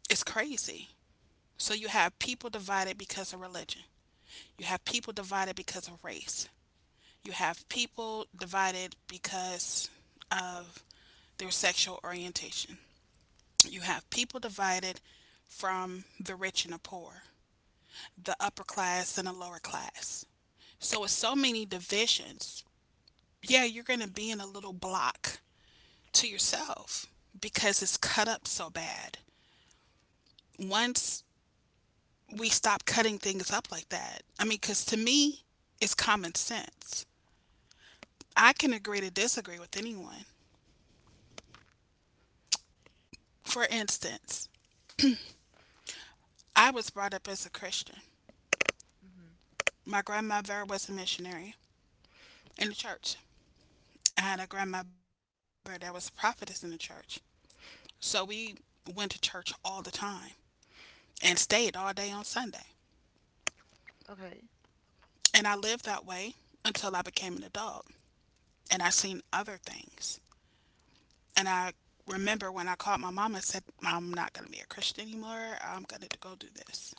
Speaker 2: It's crazy. So you have people divided because of religion. You have people divided because of race. You have people divided because of their sexual orientation. You have people divided from the rich and the poor, the upper class and the lower class. So with so many divisions, yeah, you're going to be in a little block to yourself because it's cut up so bad. Once we stop cutting things up like that, I mean, because to me, it's common sense. I can agree to disagree with anyone. For instance, I was brought up as a Christian.
Speaker 1: Mhm.
Speaker 2: My grandmother was a missionary in the church. I had a grandmother that was a prophetess in the church. So we went to church all the time and stayed all day on Sunday.
Speaker 1: Okay.
Speaker 2: And I lived that way until I became an adult and I seen other things. And I remember when I called my mom and said, I'm not going to be a Christian anymore. I'm going to go do this.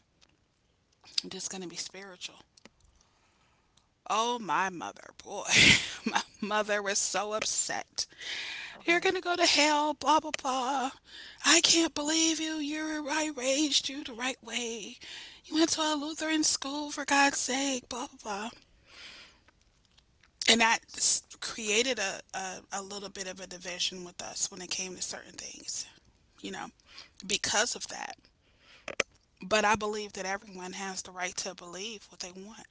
Speaker 2: I'm just going to be spiritual. Oh, my mother, boy. My mother was so upset. You're
Speaker 1: Okay.
Speaker 2: gonna go to hell, blah, blah, blah. I can't believe you. You're, I raised you the right way. You went to a Lutheran school, for God's sake, blah, blah, blah. And that s- created a, a, a little bit of a division with us when it came to certain things, you know, because of that. But I believe that everyone has the right to believe what they want.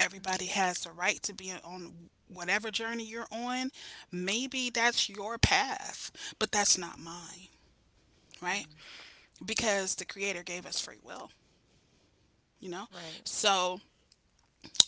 Speaker 2: Everybody
Speaker 1: Mhm.
Speaker 2: has the right to be on whatever journey you're on. Maybe that's your path, but that's not mine, right?
Speaker 1: Mhm.
Speaker 2: Because the creator gave us free will, you know?
Speaker 1: Right.
Speaker 2: So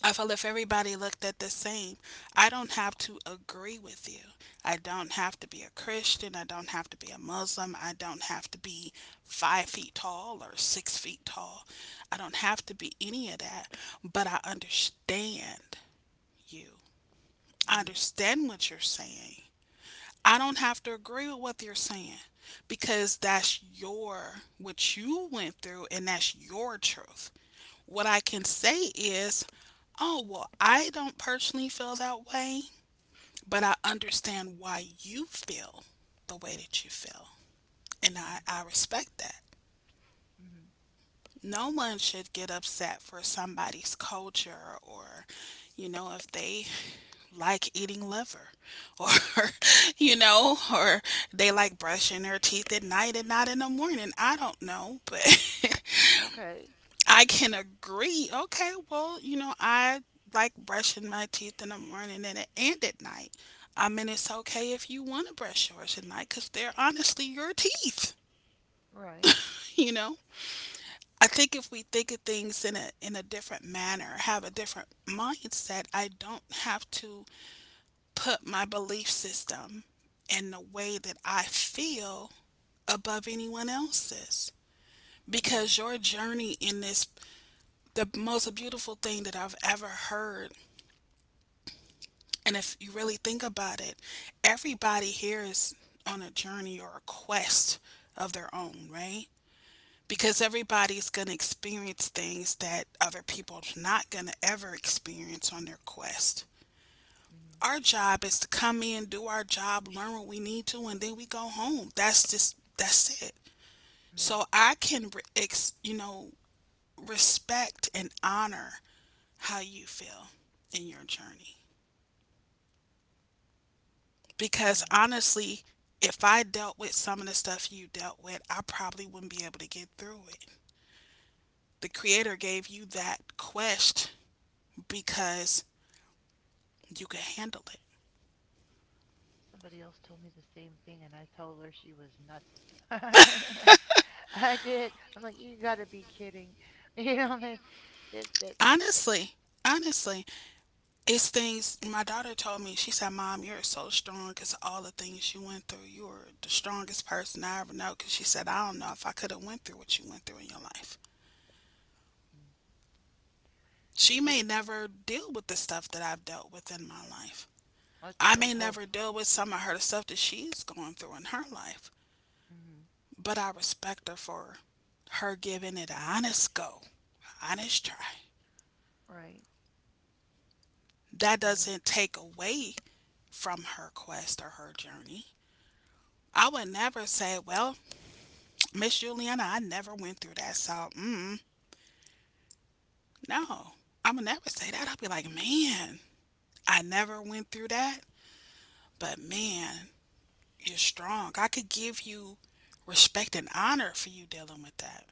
Speaker 2: I feel if everybody looked at the same, I don't have to agree with you. I don't have to be a Christian. I don't have to be a Muslim. I don't have to be five feet tall or six feet tall. I don't have to be any of that, but I understand you. I
Speaker 1: Mhm.
Speaker 2: understand what you're saying. I don't have to agree with what you're saying because that's your what you went through and that's your truth. What I can say is, oh, well, I don't personally feel that way, but I understand why you feel the way that you feel. And
Speaker 1: Mhm.
Speaker 2: I, I respect that.
Speaker 1: Mhm.
Speaker 2: No one should get upset for somebody's culture or, you know, if they like eating liver or
Speaker 1: Oh,
Speaker 2: you know or they like brushing their teeth at night and not in the morning. I don't know, but
Speaker 1: okay.
Speaker 2: I can agree. Okay, well, you know, I like brushing my teeth in the morning and, and at night. I mean, it's okay if you want to brush yours at night because they're honestly your teeth,
Speaker 1: Right.
Speaker 2: you know? I think if we think of things in a in a different manner, have a different mindset, I don't have to put my belief system and the way that I feel above anyone else's.
Speaker 1: Mhm.
Speaker 2: Because your journey in this the most beautiful thing that I've ever heard. And if you really think about it, everybody here is on a journey or a quest of their own, right?
Speaker 1: Mhm.
Speaker 2: Because everybody's going to experience things that other people are not going to ever experience on their quest.
Speaker 1: Mhm.
Speaker 2: Our job is to come in, do our job, learn what we need to, and then we go home. That's just, that's it.
Speaker 1: Mhm.
Speaker 2: So I can, ex, you know, respect and honor how you feel in your journey. Because
Speaker 1: Wow.
Speaker 2: honestly, if I dealt with some of the stuff you dealt with, I probably wouldn't be able to get through it. The creator gave you that quest because you could handle it.
Speaker 1: Somebody else told me the same thing, and I told her she was nuts. I did. I'm like, you gotta be kidding. You know, that, that, that, that,
Speaker 2: Honestly, honestly, it's things my daughter told me. She said, Mom, you're so strong because all the things you went through, you were the strongest person I ever know. Because she said, I don't know if I could have went through what you went through in your life. She may never deal with the stuff that I've dealt with in my life.
Speaker 1: let's,
Speaker 2: I
Speaker 1: let's
Speaker 2: may
Speaker 1: hope.
Speaker 2: never deal with some of her stuff that she's going through in her life,
Speaker 1: Hmm.
Speaker 2: but I respect her for her giving it an honest go, honest try.
Speaker 1: Right,
Speaker 2: That
Speaker 1: right,
Speaker 2: doesn't take away from her quest or her journey. I would never say, well, Miss Juliana, I never went through that. So, mm, no, I would never say that. I'd be like, man, I never went through that, but man, you're strong. I could give you respect and honor for you dealing with that.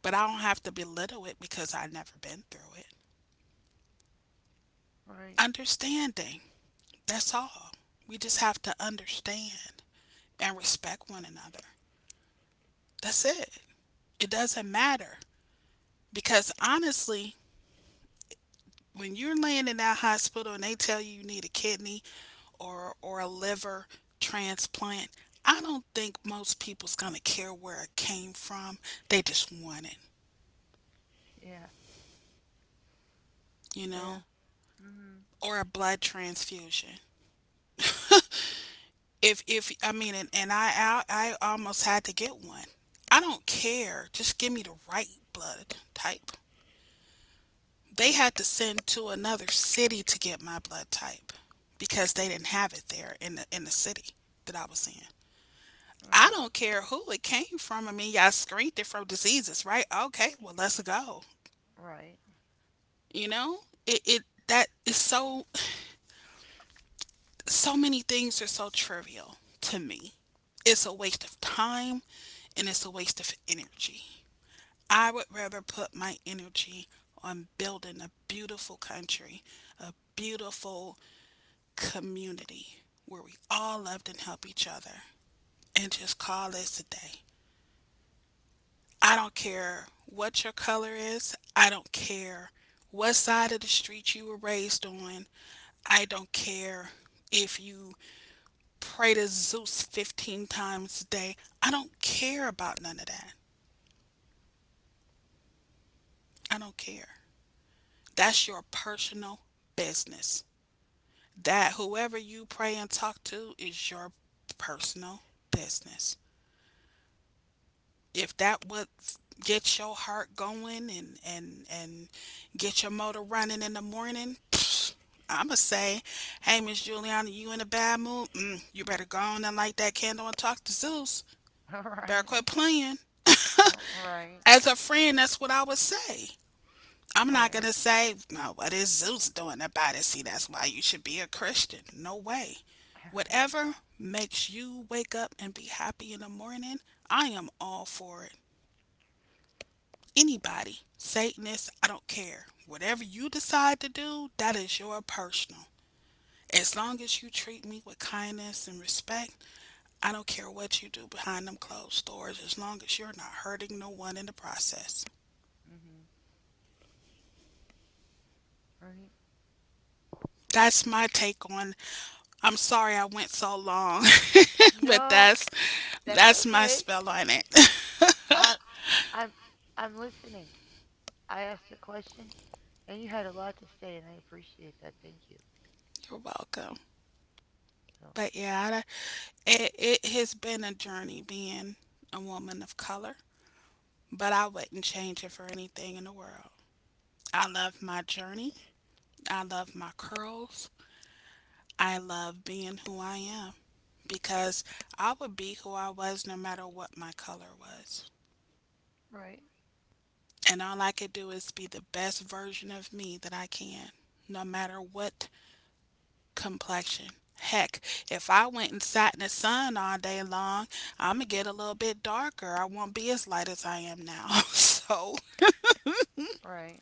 Speaker 2: But I don't have to belittle it because I've never been through it.
Speaker 1: right.
Speaker 2: Understanding, that's all. We just have to understand and respect one another. That's it. It doesn't matter because honestly, when you're laying in that hospital and they tell you you need a kidney or or a liver transplant, I don't think most people's going to care where it came from. They just want it,
Speaker 1: Yeah,
Speaker 2: you
Speaker 1: yeah.
Speaker 2: know,
Speaker 1: Mm-hmm.
Speaker 2: or a blood transfusion. If if I mean, and, and I, I I almost had to get one. I don't care. Just give me the right blood type. They had to send to another city to get my blood type because they didn't have it there in the in the city that I was in. I
Speaker 1: Mm,
Speaker 2: don't care who it came from. I mean, y'all screened it from diseases, right? Okay, well let's go.
Speaker 1: right,
Speaker 2: You know, it it that is so so many things are so trivial to me. It's a waste of time and it's a waste of energy. I would rather put my energy on building a beautiful country, a beautiful community where we all loved and help each other and just call this a day. I don't care what your color is. I don't care what side of the street you were raised on. I don't care if you pray to Zeus fifteen times a day. I don't care about none of that. I don't care. That's your personal business. That whoever you pray and talk to is your personal business. If that would get your heart going and and and get your motor running in the morning, I'ma say, hey Miss Juliana, you in a bad mood? Mm, you better go on and light that candle and talk to Zeus. Better
Speaker 1: right,
Speaker 2: quit playing.
Speaker 1: right,
Speaker 2: As a friend, that's what I would say. I'm not going
Speaker 1: right.
Speaker 2: to say, no, what is Zeus doing about it? See, that's why you should be a Christian. No way. Whatever makes you wake up and be happy in the morning, I am all for it. Anybody, Satanist, I don't care. Whatever you decide to do, that is your personal. As long as you treat me with kindness and respect, I don't care what you do behind them closed doors, as long as you're not hurting no one in the process.
Speaker 1: Mm-hmm. Right.
Speaker 2: That's my take on. I'm sorry I went so long, but
Speaker 1: No,
Speaker 2: that's
Speaker 1: that's
Speaker 2: that's my
Speaker 1: okay.
Speaker 2: spell on it.
Speaker 1: I, I'm, I'm listening. I asked a question, and you had a lot to say, and I appreciate that. Thank you.
Speaker 2: You're welcome.
Speaker 1: So,
Speaker 2: But yeah, I, it it has been a journey being a woman of color, but I wouldn't change it for anything in the world. I love my journey. I love my curls. I love being who I am because I would be who I was no matter what my color was.
Speaker 1: right,
Speaker 2: And all I could do is be the best version of me that I can, no matter what complexion. Heck, if I went and sat in the sun all day long, I'm gonna get a little bit darker. I won't be as light as I am now. So
Speaker 1: right,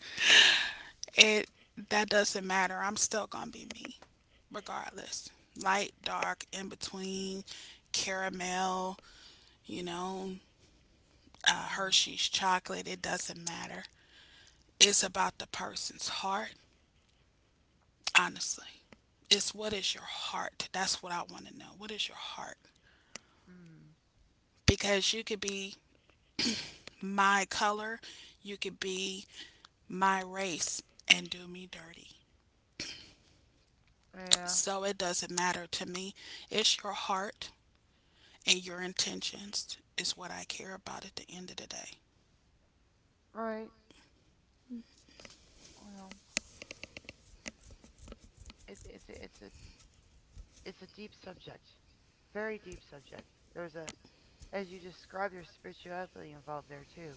Speaker 2: it that doesn't matter. I'm still gonna be me, regardless. Light, dark, in between, caramel, you know, uh,
Speaker 1: mm-hmm,
Speaker 2: Hershey's chocolate. It doesn't matter. It's about the person's heart honestly. It's what is your heart? That's what I want to know. What is your heart?
Speaker 1: mm-hmm,
Speaker 2: Because you could be my color, you could be my race and do me dirty.
Speaker 1: yeah,
Speaker 2: So it doesn't matter to me. It's your heart and your intentions is what I care about at the end of the day.
Speaker 1: right. Well, it's it's a, it's a it's a deep subject, very deep subject. There's a, as you describe, your spirituality involved there too.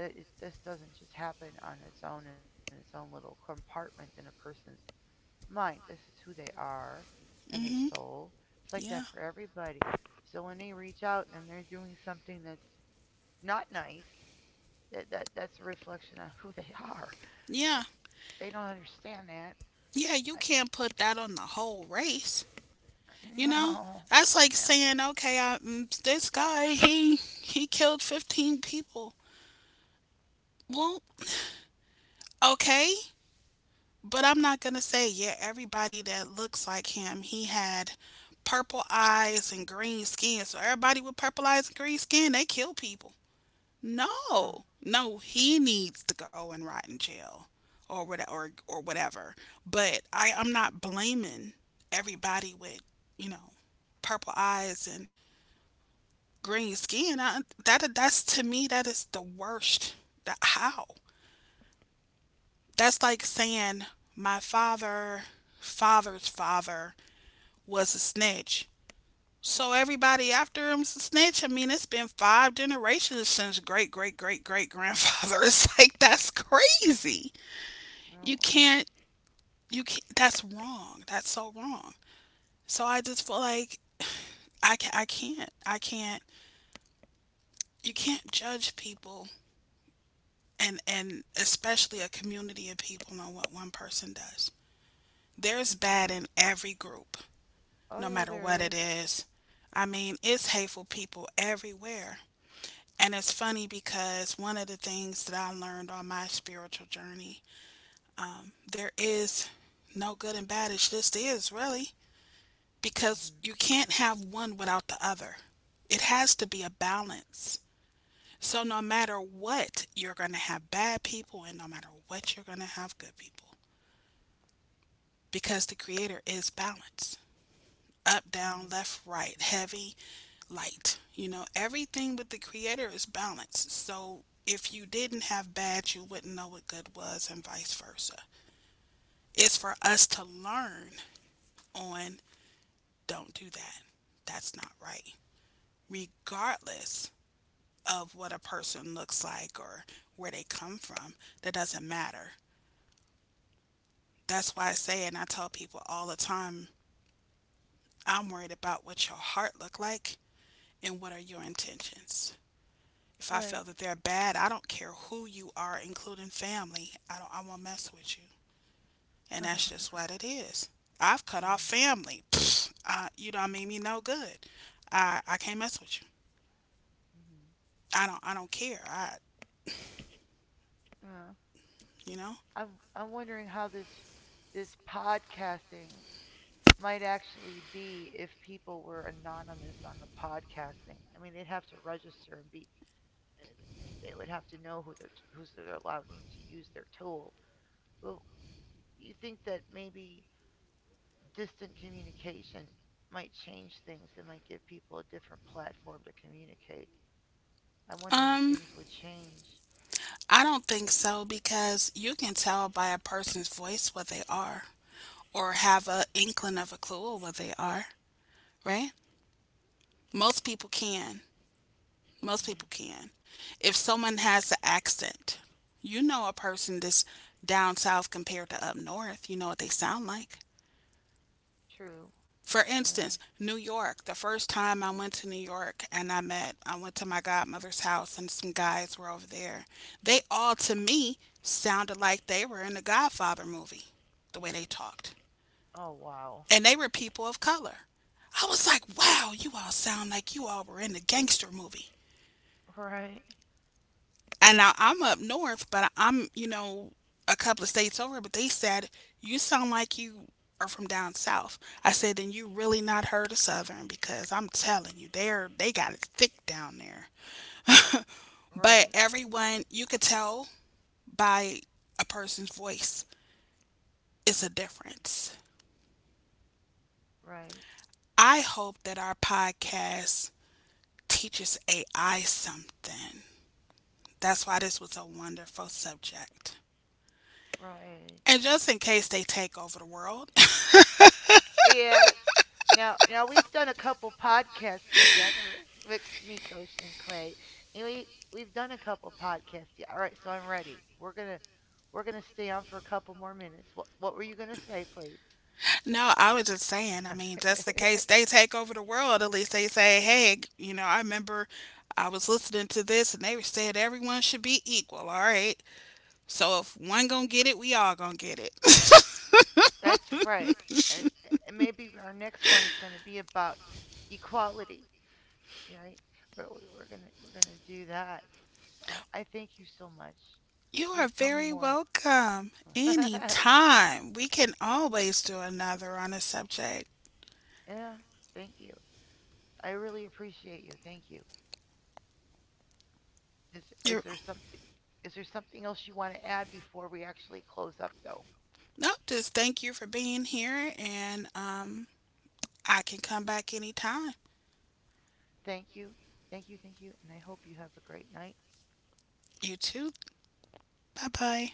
Speaker 1: It, it, this doesn't just happen on its own in its own little compartment in a person's mind. This is who they are, and their
Speaker 2: Hmm.
Speaker 1: soul. It's like
Speaker 2: Yeah.
Speaker 1: that for everybody. So when they reach out and they're doing something that's not nice. That that that's a reflection of who they are.
Speaker 2: Yeah.
Speaker 1: It, they don't understand that.
Speaker 2: Yeah, you
Speaker 1: I,
Speaker 2: can't put that on the whole race. You know,
Speaker 1: no,
Speaker 2: that's like
Speaker 1: no,
Speaker 2: saying, okay, I, mm, this guy he he killed fifteen people. Well, okay, but I'm not gonna say yeah, everybody that looks like him, he had purple eyes and green skin. So everybody with purple eyes and green skin, they kill people.
Speaker 1: mm,
Speaker 2: No. No, he needs to go and rot in jail or what or or whatever. But I, I'm not blaming everybody with, you know, purple eyes and green skin. I, that that's to me that is the worst. That, how? That's like saying my father, father's father was a snitch. So everybody after him's a snitch. I mean, it's been five generations since great great great great grandfather. It's like that's crazy. You
Speaker 1: no.
Speaker 2: can't. You can't. That's wrong. That's so wrong. So I just feel like I ca I can't. I can't. You can't judge people and and especially a community of people on what one person does. There's bad
Speaker 1: Hmm.
Speaker 2: in every group.
Speaker 1: Oh
Speaker 2: No
Speaker 1: yeah,
Speaker 2: matter
Speaker 1: there
Speaker 2: what it
Speaker 1: is.
Speaker 2: is. I mean, it's hateful people everywhere. And it's funny because one of the things that I learned on my spiritual journey, there is no good and bad. It just is, really, because
Speaker 1: Mm-hmm.
Speaker 2: you can't have one without the other. It has to be a balance. So, no matter what, you're going to have bad people, and no matter what, you're going to have good people because the Creator is balance. Up, down,
Speaker 1: Mm-hmm.
Speaker 2: left, right, heavy, light. You know, everything with the creator is balanced. So if you didn't have bad, you wouldn't know what good was, and vice versa. It's for us to learn on don't do that. That's not right. Regardless of what a person looks like or where they come from, that doesn't matter. That's why I say and I tell people all the time, I'm worried about what your heart look like and what are your intentions. If I
Speaker 1: Right.
Speaker 2: feel that they're bad, I don't care who you are, including family. I don't. I won't mess with you, and that's just
Speaker 1: Mm-hmm.
Speaker 2: what it is. I've cut off family. Pfft, I, you don't mean me no good. I I can't mess with you.
Speaker 1: Mm-hmm.
Speaker 2: I don't. I don't care. I
Speaker 1: Yeah.
Speaker 2: you know.
Speaker 1: I'm I'm wondering how this this podcasting might actually be if people were anonymous on the podcasting. I mean, they'd have to register and be. uh, They would have to know who they're who's they're allowing to use their tool. Well, you think that maybe distant communication might change things and might give people a different platform to communicate. I'm wondering if
Speaker 2: Um,
Speaker 1: things would change.
Speaker 2: I don't think so because you can tell by a person's voice what they are, or have a inkling of a clue of what they are, right? Most people can. Most people
Speaker 1: Mm,
Speaker 2: can. If someone has an accent, you know a person that's down south compared to up north. You know what they sound like.
Speaker 1: true.
Speaker 2: For
Speaker 1: Yeah.
Speaker 2: instance, New York. The first time I went to New York and I met, I went to my godmother's house and some guys were over there. They all, to me, sounded like they were in the Godfather movie, the way they talked.
Speaker 1: Oh, wow.
Speaker 2: And they were people of color. I was like, wow, you all sound like you all were in the gangster movie.
Speaker 1: Right.
Speaker 2: And now I'm up north, but I'm, you know, a couple of states over, but they said, you sound like you are from down south. I said, then you really not heard of Southern because I'm telling you, they're they got it thick down there. But
Speaker 1: Right.
Speaker 2: everyone you could tell by a person's voice it's a difference.
Speaker 1: Right.
Speaker 2: I hope that our podcast teaches A I something. That's why this was a wonderful subject.
Speaker 1: Right.
Speaker 2: And just in case they take over the world,
Speaker 1: Yes. Now, now we've done a couple podcasts together with Miko Shinkwe, and we we've done a couple podcasts. Yeah, all right, so I'm ready. We're gonna we're gonna stay on for a couple more minutes. What what were you gonna say, please?
Speaker 2: no, I was just saying, I mean, just in case they take over the world, at least they say, hey, you know, I remember I was listening to this and they said everyone should be equal, all right? So if one gonna get it, we all gonna get it.
Speaker 1: That's right. And, and maybe our next one is gonna be about equality, right? We're, we're gonna we're gonna do that. Uh, I thank you so much.
Speaker 2: You are
Speaker 1: Please tell me
Speaker 2: very
Speaker 1: more.
Speaker 2: welcome. Anytime. We can always do another on a subject.
Speaker 1: Yeah, thank you. I really appreciate you. Thank you. Is is
Speaker 2: You're,
Speaker 1: there something is there something else you want to add before we actually close up though?
Speaker 2: no, just thank you for being here and um, I can come back anytime.
Speaker 1: Thank you. Thank you. Thank you. And I hope you have a great night.
Speaker 2: You too. Bye bye.